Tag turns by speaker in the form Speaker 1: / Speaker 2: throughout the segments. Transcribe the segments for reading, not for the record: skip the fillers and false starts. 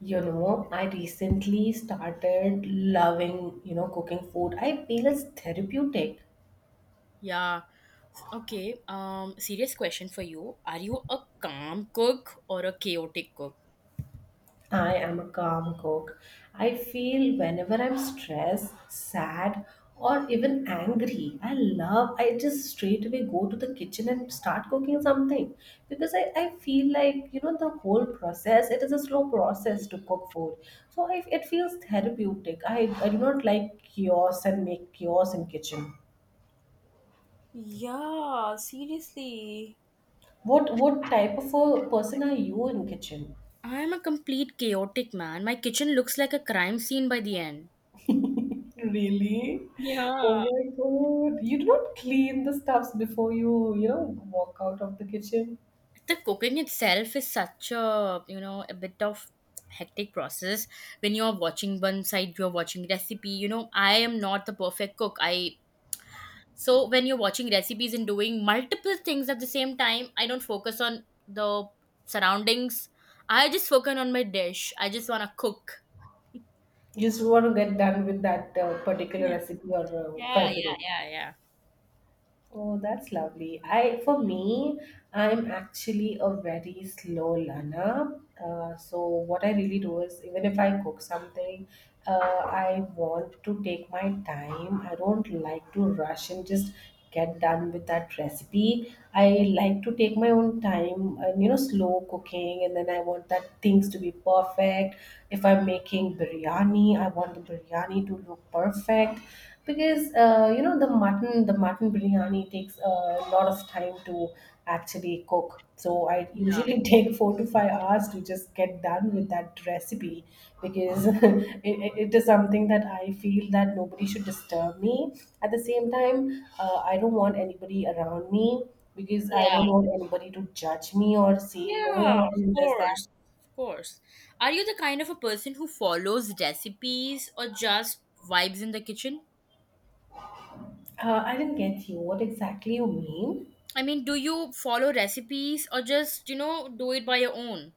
Speaker 1: I recently started loving, cooking food. I feel it's therapeutic.
Speaker 2: Yeah. Okay. Serious question for you. Are you a calm cook or a chaotic cook?
Speaker 1: I am a calm cook. I feel whenever I'm stressed, sad, or even angry, I just straight away go to the kitchen and start cooking something because I feel like, the whole process, it is a slow process to cook food. So it feels therapeutic. I do not like chaos and make chaos in kitchen.
Speaker 2: Yeah, seriously.
Speaker 1: What type of a person are you in kitchen?
Speaker 2: I am a complete chaotic man. My kitchen looks like a crime scene by the end.
Speaker 1: Really? Oh
Speaker 2: Yeah.
Speaker 1: my God. You do not clean the stuffs before you walk out of the kitchen.
Speaker 2: The cooking itself is such a, a bit of hectic process. When you're watching one side, you're watching recipe. You know, I am not the perfect cook. I So when you're watching recipes and doing multiple things at the same time, I don't focus on the surroundings. I just focus on my dish. I just want to cook.
Speaker 1: You just want to get done with that particular
Speaker 2: Yeah.
Speaker 1: recipe or try
Speaker 2: Yeah,
Speaker 1: to
Speaker 2: yeah,
Speaker 1: make.
Speaker 2: yeah, yeah.
Speaker 1: Oh, that's lovely. I For me, I'm actually a very slow learner. So what I really do is, even if I cook something, uh, I want to take my time. I don't like to rush and just get done with that recipe. I
Speaker 2: Yeah.
Speaker 1: like to take my own time and slow cooking, and then I want that things to be perfect. If I'm making biryani, I want the biryani to look perfect because the mutton biryani takes a lot of time to actually cook. So I
Speaker 2: Yeah.
Speaker 1: usually take 4 to 5 hours to just get done with that recipe because it is something that I feel that nobody should disturb me at the same time. I don't want anybody around me because I
Speaker 2: Yeah.
Speaker 1: don't want anybody to judge me or say you're
Speaker 2: Yeah, of
Speaker 1: not doing this that.
Speaker 2: course. Of course. Are you the kind of a person who follows recipes or just vibes in the kitchen?
Speaker 1: I didn't get you what exactly you mean.
Speaker 2: I mean, do you follow recipes or just, do it by your own?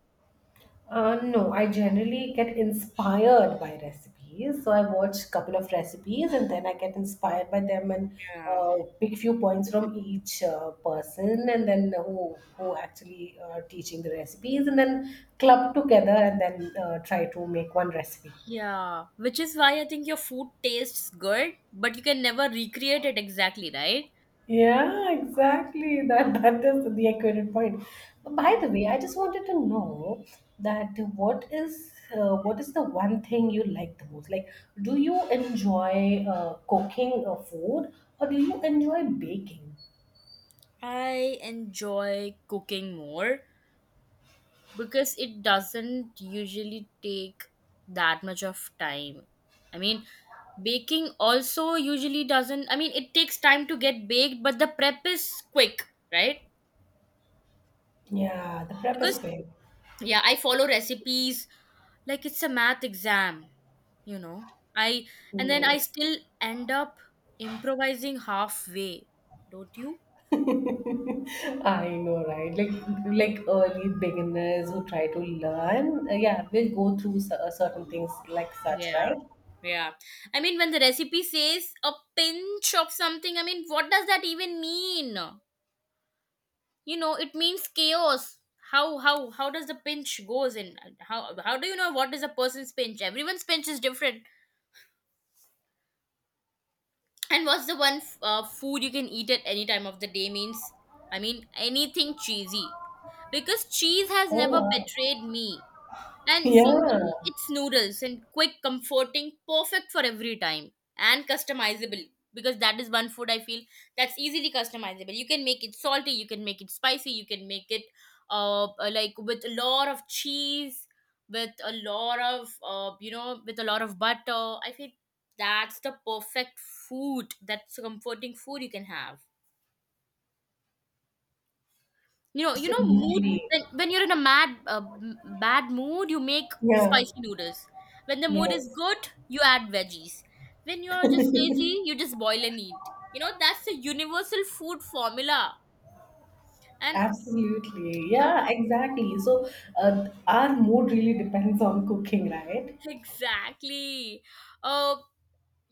Speaker 1: No, I generally get inspired by recipes. So I watch a couple of recipes and then I get inspired by them and
Speaker 2: Yeah.
Speaker 1: pick few points from each person and then who actually are teaching the recipes and then club together and then try to make one recipe.
Speaker 2: Yeah, which is why I think your food tastes good, but you can never recreate it exactly, right?
Speaker 1: Yeah, exactly. That that is the accurate point. But
Speaker 2: Yeah.
Speaker 1: by the way, I just wanted to know that what is the one thing you like the most? Like, do you enjoy cooking food or do you enjoy baking?
Speaker 2: I enjoy cooking more because it doesn't usually take that much of time. I mean, baking also usually doesn't, I mean, it takes time to get baked, but the prep is quick, right?
Speaker 1: Yeah, the prep is
Speaker 2: Because,
Speaker 1: big.
Speaker 2: yeah, I follow recipes like it's a math exam, you know I and then I
Speaker 1: Mm.
Speaker 2: still end up improvising halfway, don't you?
Speaker 1: I know, right? Like early beginners who try to learn, yeah, will go through certain things like such,
Speaker 2: Yeah,
Speaker 1: right?
Speaker 2: yeah, I mean, when the recipe says a pinch of something, I mean, what does that even mean? You know, it means chaos. How does the pinch goes in? How do you know what is a person's pinch? Everyone's pinch is different. And what's the one food you can eat at any time of the day means? I mean, anything cheesy. Because cheese has
Speaker 1: Oh,
Speaker 2: never
Speaker 1: wow.
Speaker 2: betrayed me. And for
Speaker 1: Yeah,
Speaker 2: me, it's noodles and quick, comforting, perfect for every time and customizable, because that is one food I feel that's easily customizable. You can make it salty, you can make it spicy, you can make it like with a lot of cheese, with a lot of, with a lot of butter. I feel that's the perfect food. That's a comforting food you can have. You know mood,
Speaker 1: absolutely.
Speaker 2: when you're in a bad mood, you make
Speaker 1: Yeah.
Speaker 2: spicy noodles. When the mood is
Speaker 1: Yes,
Speaker 2: good, you add veggies. When you're just lazy, you just boil and eat. You know, that's the universal food formula. And
Speaker 1: absolutely. Yeah,
Speaker 2: yeah,
Speaker 1: exactly. So, our mood really depends on cooking, right?
Speaker 2: exactly. Uh, I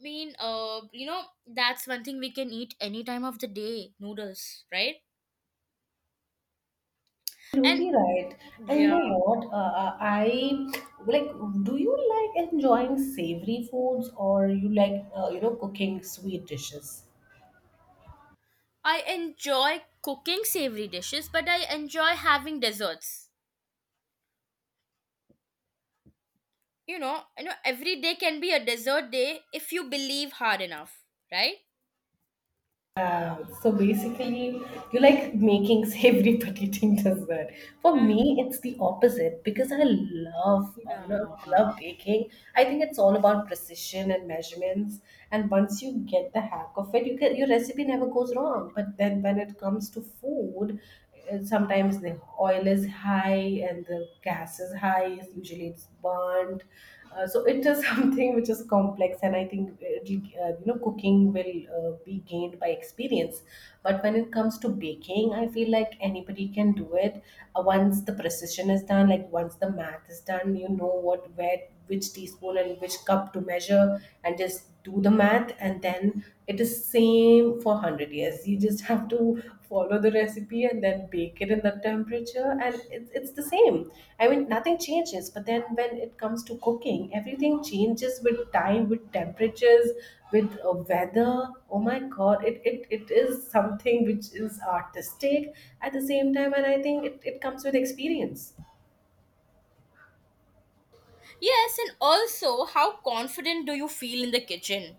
Speaker 2: mean, that's one thing we can eat any time of the day, noodles, right? And
Speaker 1: Absolutely right. And you
Speaker 2: yeah,
Speaker 1: know what? Like, do you like enjoying savory foods or you like, cooking sweet dishes?
Speaker 2: I enjoy cooking savory dishes, but I enjoy having desserts. You know, every day can be a desert day if you believe hard enough, right?
Speaker 1: Yeah, so basically, you like making savory but eating that. For
Speaker 2: Uh,
Speaker 1: me, it's the opposite because I love, uh, you
Speaker 2: Yeah.
Speaker 1: know, love baking. I think it's all about precision and measurements. And once you get the hack of it, your recipe never goes wrong. But then when it comes to food, sometimes the oil is high and the gas is high, usually it's burnt. So it is something which is complex and I think it'll, cooking will be gained by experience. But when it comes to baking, I feel like anybody can do it. Once the precision is done, like once the math is done, you know what where which teaspoon and which cup to measure and just do the math, and then it is same for 100 years. You just have to follow the recipe and then bake it in that temperature and it's the same. I mean, nothing changes. But then when it comes to cooking, everything changes with time, with temperatures, with weather. Oh my God, it is something which is artistic at the same time, and I think it comes with experience.
Speaker 2: Yes, and also, how confident do you feel in the kitchen?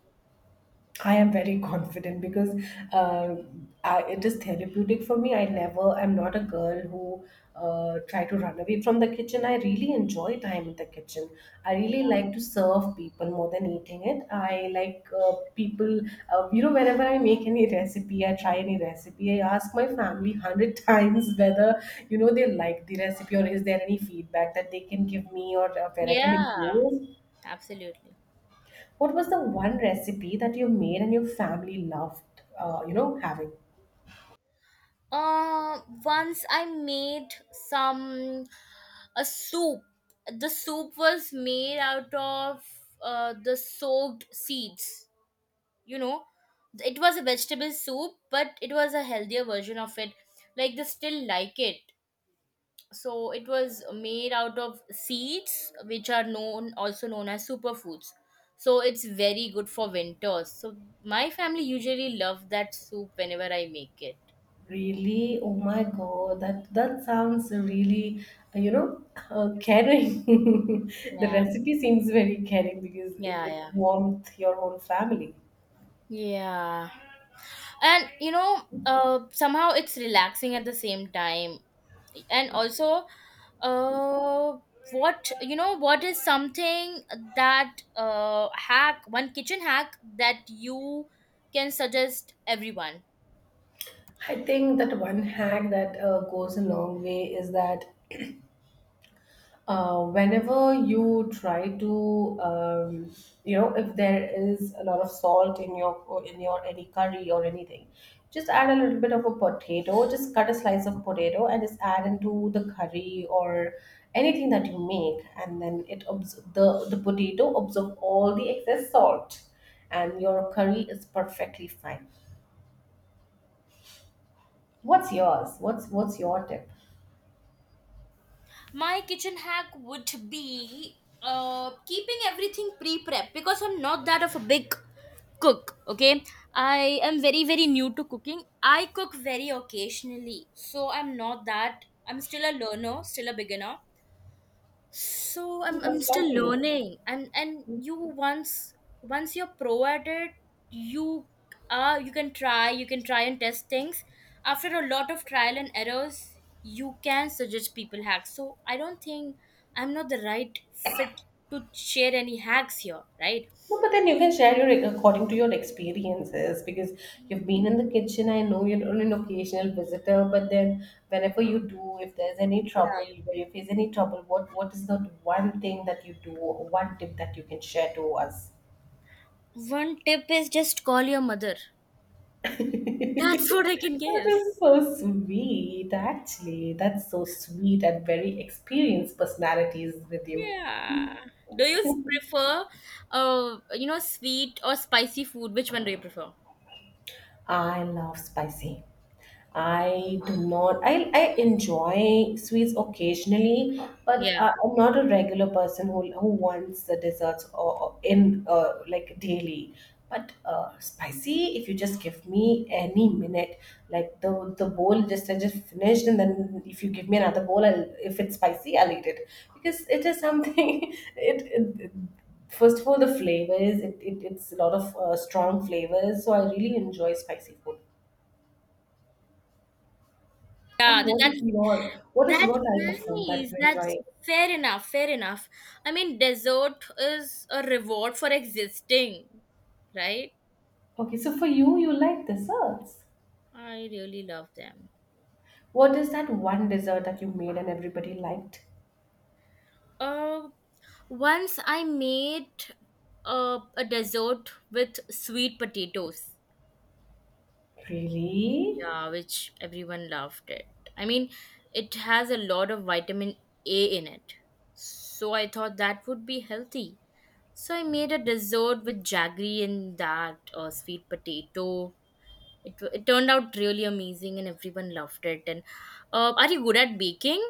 Speaker 1: I am very confident because uh, it is therapeutic for me. I'm not a girl who try to run away from the kitchen. I really enjoy time in the kitchen. I
Speaker 2: Yeah.
Speaker 1: really like to serve people more than eating it. I like people, whenever I make any recipe, I try any recipe, I ask my family 100 times whether, they like the recipe or is there any feedback that they can give me or where I can
Speaker 2: Yeah.
Speaker 1: improve.
Speaker 2: Absolutely.
Speaker 1: What was the one recipe that you made and your family loved, having?
Speaker 2: Once I made some a soup. The soup was made out of, the soaked seeds, you know. It was a vegetable soup, but it was a healthier version of it, like they still like it. So it was made out of seeds which are known, also known as superfoods, so it's very good for winters. So my family usually love that soup whenever I make it.
Speaker 1: Really? Oh my God, that sounds really, uh, you know, caring. The
Speaker 2: Yeah,
Speaker 1: recipe seems very caring because
Speaker 2: yeah.
Speaker 1: it
Speaker 2: Yeah.
Speaker 1: warmed your whole family.
Speaker 2: Yeah, and you know, somehow it's relaxing at the same time. And also, uh what, what is something that, hack, one kitchen hack that you can suggest everyone?
Speaker 1: I think that one hack that goes a long way is that whenever you try to if there is a lot of salt in your or in your any curry or anything, just add a little bit of a potato, just cut a slice of potato and just add into the curry or anything that you make, and then the potato absorb all the excess salt and your curry is perfectly fine. What's yours? What's your tip?
Speaker 2: My kitchen hack would be, keeping everything pre-prep, because I'm not that of a big cook. Okay, I am very very new to cooking. I cook very occasionally, so I'm not that. I'm still a learner, still a beginner. So I'm
Speaker 1: Oh, that's
Speaker 2: still
Speaker 1: lovely.
Speaker 2: learning. And you once once you're pro at it, you are you can try and test things. After a lot of trial and errors, you can suggest people hacks. So I don't think, I'm not the right fit to share any hacks here, right?
Speaker 1: No, but then you can share your according to your experiences because you've been in the kitchen. I know you're only an occasional visitor, but then whenever you do, if there's any
Speaker 2: Yeah.
Speaker 1: trouble, where you face any trouble, what is that one thing that you do, or one tip that you can share to us?
Speaker 2: One tip is just call your mother. That's what I can
Speaker 1: That
Speaker 2: give.
Speaker 1: is so sweet, actually. That's so sweet and very experienced personalities with you.
Speaker 2: Yeah. Do you prefer, you know, sweet or spicy food? Which one do you prefer?
Speaker 1: I love spicy. I do not. I enjoy sweets occasionally, but
Speaker 2: Yeah.
Speaker 1: I'm not a regular person who wants the desserts, or in like daily. But spicy, if you just give me any minute, like the bowl just I just finished, and then if you give me another bowl, I'll, if it's spicy, I'll eat it because it is something. It First of all, the flavors. It's a lot of strong flavors, so I really enjoy spicy food.
Speaker 2: Yeah,
Speaker 1: And
Speaker 2: that,
Speaker 1: what
Speaker 2: that
Speaker 1: is your what is your
Speaker 2: that's
Speaker 1: type of food that
Speaker 2: nice.
Speaker 1: you
Speaker 2: That's
Speaker 1: enjoy?
Speaker 2: fair enough, fair enough. I mean, dessert is a reward for existing, right?
Speaker 1: Okay, so for you, you like desserts.
Speaker 2: I really love them.
Speaker 1: What is that one dessert that you made and everybody liked?
Speaker 2: Uh, once I made a dessert with sweet potatoes.
Speaker 1: Really?
Speaker 2: Yeah, which everyone loved it. I mean, it has a lot of vitamin A in it. So I thought that would be healthy. So I made a dessert with jaggery and that sweet potato. It turned out really amazing and everyone loved it. And are you good at baking?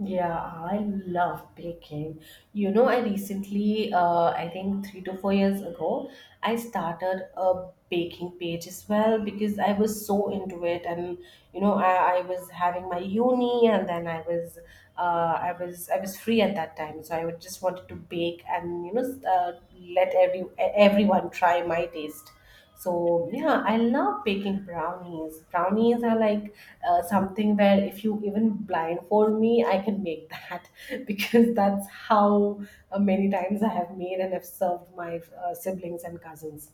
Speaker 1: Yeah, I love baking. You know, I recently, I think 3 to 4 years ago, I started a baking page as well because I was so into it, and I was having my uni, and then I was free at that time, so I would just wanted to bake, and let everyone try my taste. So yeah, I love baking brownies. Brownies are like something where if you even blindfold me, I can make that because that's how many times I have made and have served my siblings and cousins.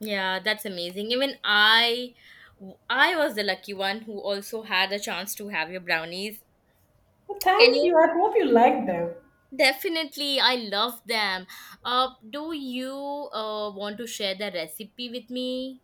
Speaker 2: Yeah, that's amazing. Even I was the lucky one who also had a chance to have your brownies.
Speaker 1: Well,
Speaker 2: Can
Speaker 1: thank
Speaker 2: you?
Speaker 1: you. I hope you like them.
Speaker 2: Definitely, I love them. Do you want to share the recipe with me?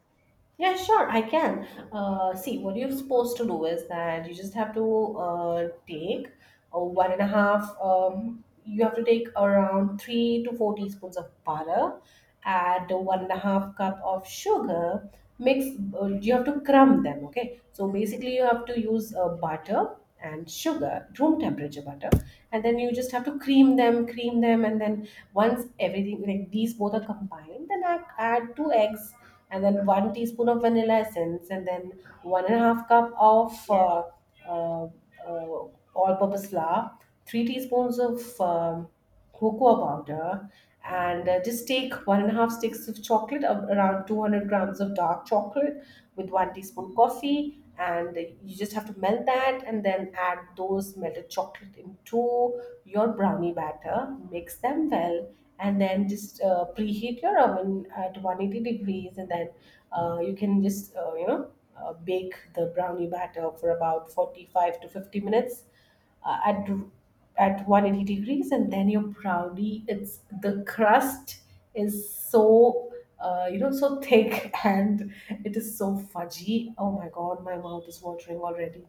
Speaker 1: Yeah, sure, I can. See, what you're supposed to do is that you just have to take one and a half, you have to take around 3 to 4 teaspoons of butter, add one and a half cup of sugar, mix, you have to crumb them, okay? So basically, you have to use butter and sugar, room temperature butter, and then you just have to cream them, and then once everything, like these both are combined, then I add two eggs and then 1 teaspoon of vanilla essence, and then one and a half cup of
Speaker 2: Yeah.
Speaker 1: uh, uh, all-purpose flour, 3 teaspoons of cocoa powder, and just take one and a half sticks of chocolate, around 200 grams of dark chocolate, with 1 teaspoon coffee, and you just have to melt that, and then add those melted chocolate into your brownie batter. Mix them well, and then just preheat your oven at 180 degrees, and then you can just bake the brownie batter for about 45 to 50 minutes uh, at at 180 degrees, and then your brownie, it's the crust is so thick and it is so fudgy. Oh my God, my mouth is watering already.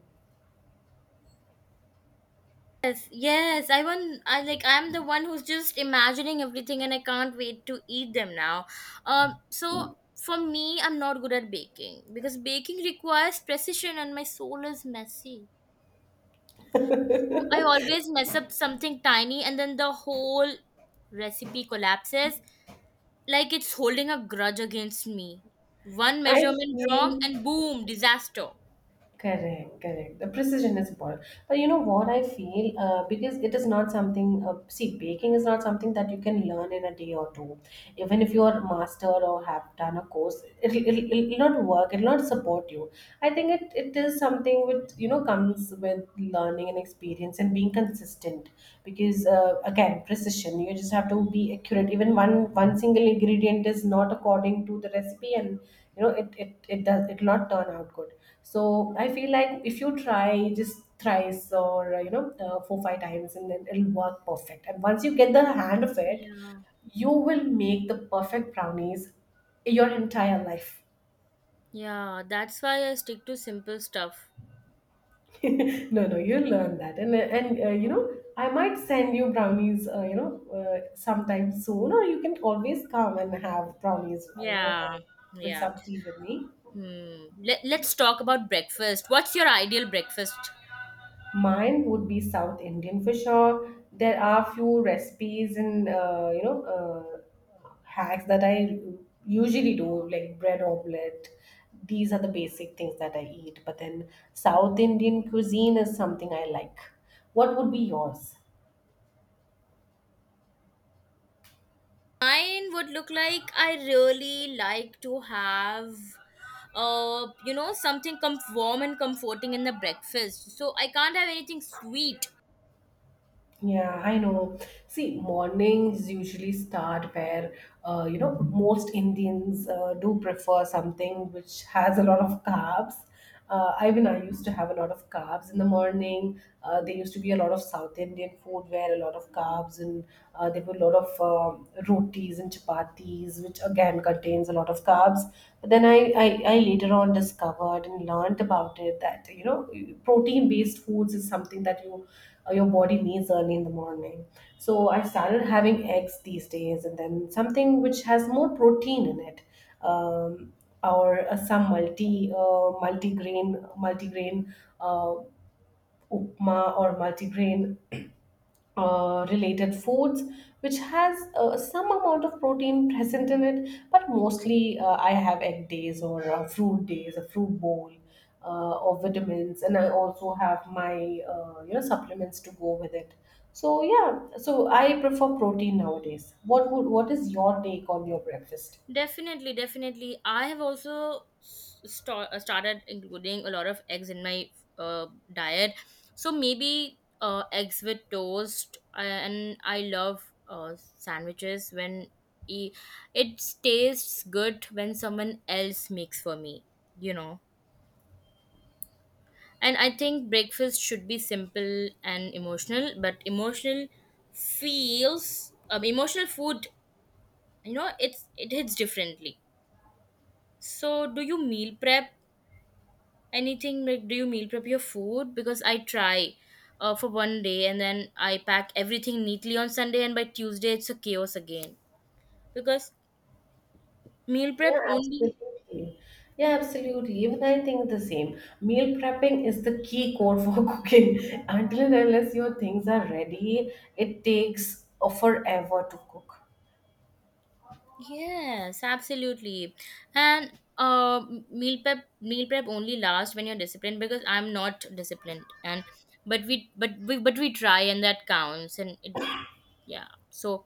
Speaker 2: Yes, yes. I want. I like. I'm the one who's just imagining everything, and I can't wait to eat them now. So for me, I'm not good at baking because baking requires precision, and my soul is messy. So I always mess up something tiny, and then the whole recipe collapses. Like it's holding a grudge against me. One
Speaker 1: I
Speaker 2: measurement
Speaker 1: feel
Speaker 2: wrong, and boom, disaster.
Speaker 1: correct, correct. The precision is important. But you know what I feel? Because it is not something, see, baking is not something that you can learn in a day or two. Even if you are a master or have done a course, it'll not work, it'll not support you. I think it is something which, comes with learning and experience and being consistent. Because, again, precision, you just have to be accurate. Even one single ingredient is not according to the recipe, and you know it does it not turn out good. So I feel like if you try just thrice, or 4 5 times, and then it'll work perfect. And once you get the hand of it,
Speaker 2: Yeah.
Speaker 1: you will make the perfect brownies your entire life.
Speaker 2: Yeah. That's why I stick to simple stuff.
Speaker 1: No, no, you'll learn that, and I might send you brownies, uh, sometime soon. Or you can always come and have brownies, have,
Speaker 2: Yeah.
Speaker 1: with
Speaker 2: Yeah.
Speaker 1: some tea with me.
Speaker 2: Hmm. Let's talk about breakfast. What's your ideal breakfast?
Speaker 1: Mine would be South Indian for sure. There are few recipes and hacks that I usually do, like bread omelette. These are the basic things that I eat. But then South Indian cuisine is something I like. What would be yours?
Speaker 2: Mine would look like, I really like to have, something warm and comforting in the breakfast. So I can't have anything sweet.
Speaker 1: Yeah, I know. See, mornings usually start where, most Indians do prefer something which has a lot of carbs. Even I used to have a lot of carbs in the morning. There used to be a lot of South Indian food where a lot of carbs, and there were a lot of rotis and chapatis, which again contains a lot of carbs. But then I later on discovered and learned about it that protein based foods is something that your body needs early in the morning. So I started having eggs these days, and then something which has more protein in it. um, or some multi grain uh, upma, or multigrain related foods, which has some amount of protein present in it. But mostly I have egg days, or fruit days, a fruit bowl, or vitamins. And I also have my supplements to go with it. So yeah, so I prefer protein nowadays. What would what is your take on your breakfast?
Speaker 2: Definitely, definitely. I have also started including a lot of eggs in my uh, diet. So maybe eggs with toast, and I love sandwiches when e- it tastes good when someone else makes for me, you know. And I think breakfast should be simple and emotional, but emotional feels emotional food, you know, it's it hits differently. So, do you meal prep anything? Like, do you meal prep your food? Because I try for one day and then I pack everything neatly on Sunday, and by Tuesday, it's a chaos again. Because meal prep
Speaker 1: Yeah,
Speaker 2: only.
Speaker 1: absolutely. Yeah, absolutely. Even I think the same. Meal prepping is the key core for cooking. Until and unless your things are ready, it takes forever to cook.
Speaker 2: Yes, absolutely. And meal prep only lasts when you're disciplined, because I'm not disciplined. And but we try and that counts. And it, yeah, so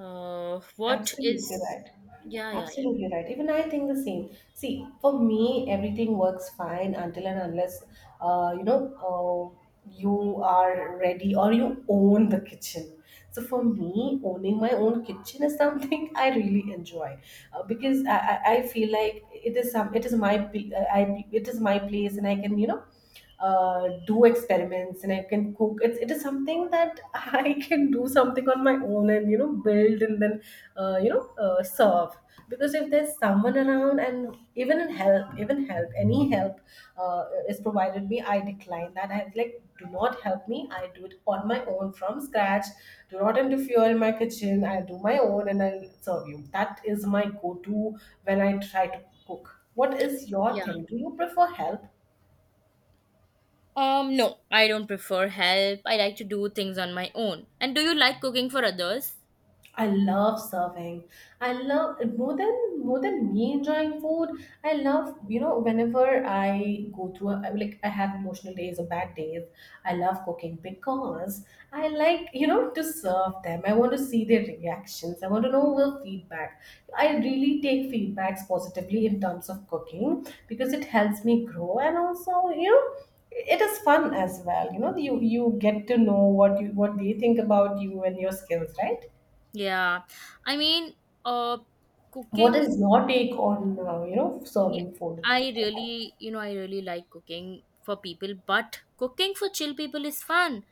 Speaker 2: what
Speaker 1: Absolutely
Speaker 2: is.
Speaker 1: right.
Speaker 2: Yeah, yeah, yeah,
Speaker 1: Absolutely right. Even I think the same. See, for me, everything works fine until and unless, uh, you know, uh, you are ready, or you own the kitchen. So for me, owning my own kitchen is something I really enjoy, because I feel like it is my pl- I it is my place. And I can, do experiments, and I can cook. It is something that I can do something on my own, and build, and then serve. Because if there's someone around, and even in help, even help, any help is provided me, I decline that. I like, do not help me. I do it on my own from scratch. Do not interfere in my kitchen. I do my own, and I'll serve you. That is my go-to when I try to cook. What is your
Speaker 2: yeah.
Speaker 1: thing? Do you prefer help?
Speaker 2: No, I don't prefer help. I like to do things on my own. And do you like cooking for others?
Speaker 1: I love serving. I love, more than me enjoying food. I love, whenever I go through a, like I have emotional days or bad days, I love cooking, because I like, to serve them. I want to see their reactions. I want to know their feedback. I really take feedbacks positively in terms of cooking, because it helps me grow. And also, it is fun as well. You know, you get to know what they think about you and your skills, right?
Speaker 2: Yeah. I mean, uh,
Speaker 1: What
Speaker 2: cooking,
Speaker 1: is your take on
Speaker 2: y-
Speaker 1: serving food?
Speaker 2: I really, you know, I really like cooking for people, but cooking for chill people is fun.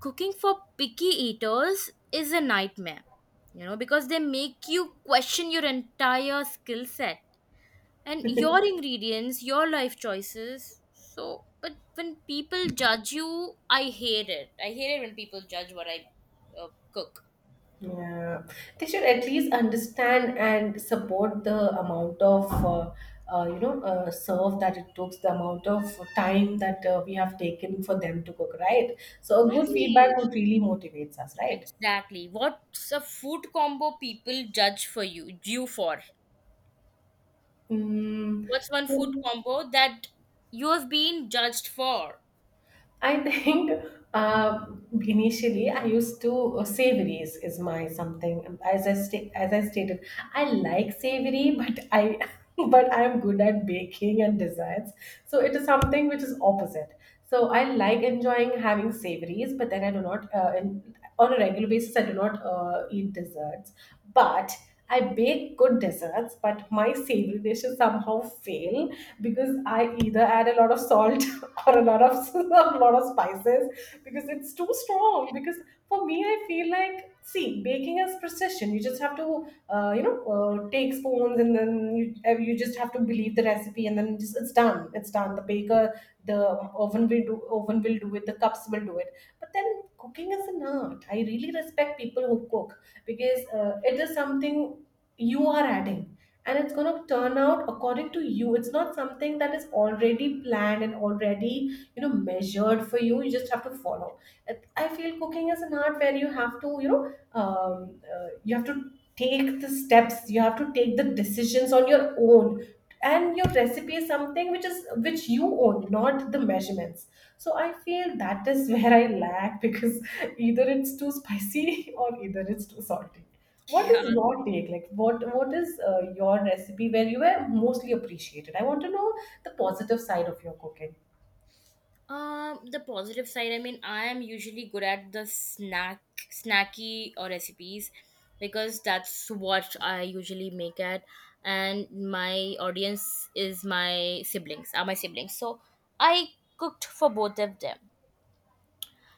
Speaker 2: Cooking for picky eaters is a nightmare, you know, because they make you question your entire skill set and your ingredients, your life choices. So, but when people judge you, I hate it. I hate it when people judge what I cook.
Speaker 1: Yeah, they should at least understand and support the amount of, serve that it takes, the amount of time that we have taken for them to cook, right? So a good feedback
Speaker 2: Exactly.
Speaker 1: would really motivates us, right?
Speaker 2: Exactly. What's a food combo people judge you for?
Speaker 1: Mm.
Speaker 2: What's one food combo that you have been judged for?
Speaker 1: I think, uh, initially I used to savories is my something. As I stated, I like savory, but I but I'm good at baking and desserts. So it is something which is opposite. So I like enjoying having savories, but then I do not in, on a regular basis I do not eat desserts. But I bake good desserts, but my savory dishes somehow fail, because I either add a lot of salt or a lot of a lot of spices, because it's too strong. Because for me, I feel like, see, baking is precision. You just have to, take spoons, and then you you just have to believe the recipe, and then just, it's done. The baker the oven will do, oven will do it. The cups will do it. But then cooking is an art. I really respect people who cook, because it is something you are adding, and it's going to turn out according to you. It's not something that is already planned and already measured for you. You just have to follow. I feel cooking is an art where you have to take the steps, you have to take the decisions on your own. And your recipe is something which you own, not the measurements. So I feel that is where I lack, because either it's too spicy or either it's too salty. What
Speaker 2: Yeah.
Speaker 1: is your take? Like, what is your recipe where you were mostly appreciated? I want to know the positive side of your cooking.
Speaker 2: The positive side, I mean, I am usually good at the snack, snacky or recipes, because that's what I usually make at, and my audience is my siblings, are my siblings. So I cooked for both of them.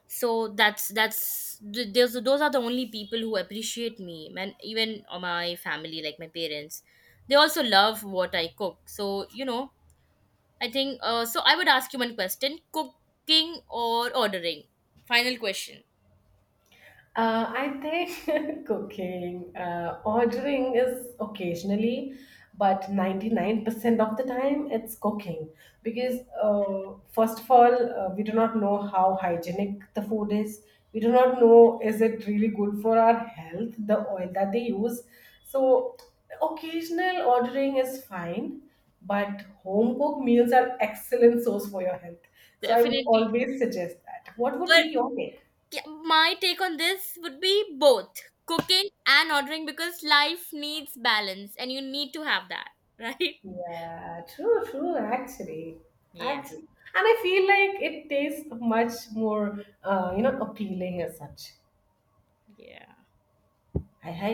Speaker 2: So those those are the only people who appreciate me, and even my family, like my parents, they also love what I cook. So you know, I think I would ask you one question: cooking or ordering? Final question.
Speaker 1: I think cooking, ordering is occasionally, but 99% of the time it's cooking. Because, first of all, we do not know how hygienic the food is. We do not know, is it really good for our health, the oil that they use. So, occasional ordering is fine, but home cooked meals are excellent source for your health. So, I would
Speaker 2: Definitely.
Speaker 1: always suggest that. What would
Speaker 2: But
Speaker 1: be your take?
Speaker 2: yeah, my take on this would be both cooking and ordering, because life needs balance, and you need to have that, right?
Speaker 1: Yeah, true, true, actually.
Speaker 2: Yeah.
Speaker 1: Actually. And I feel like it tastes much more, appealing as such.
Speaker 2: Yeah.
Speaker 1: I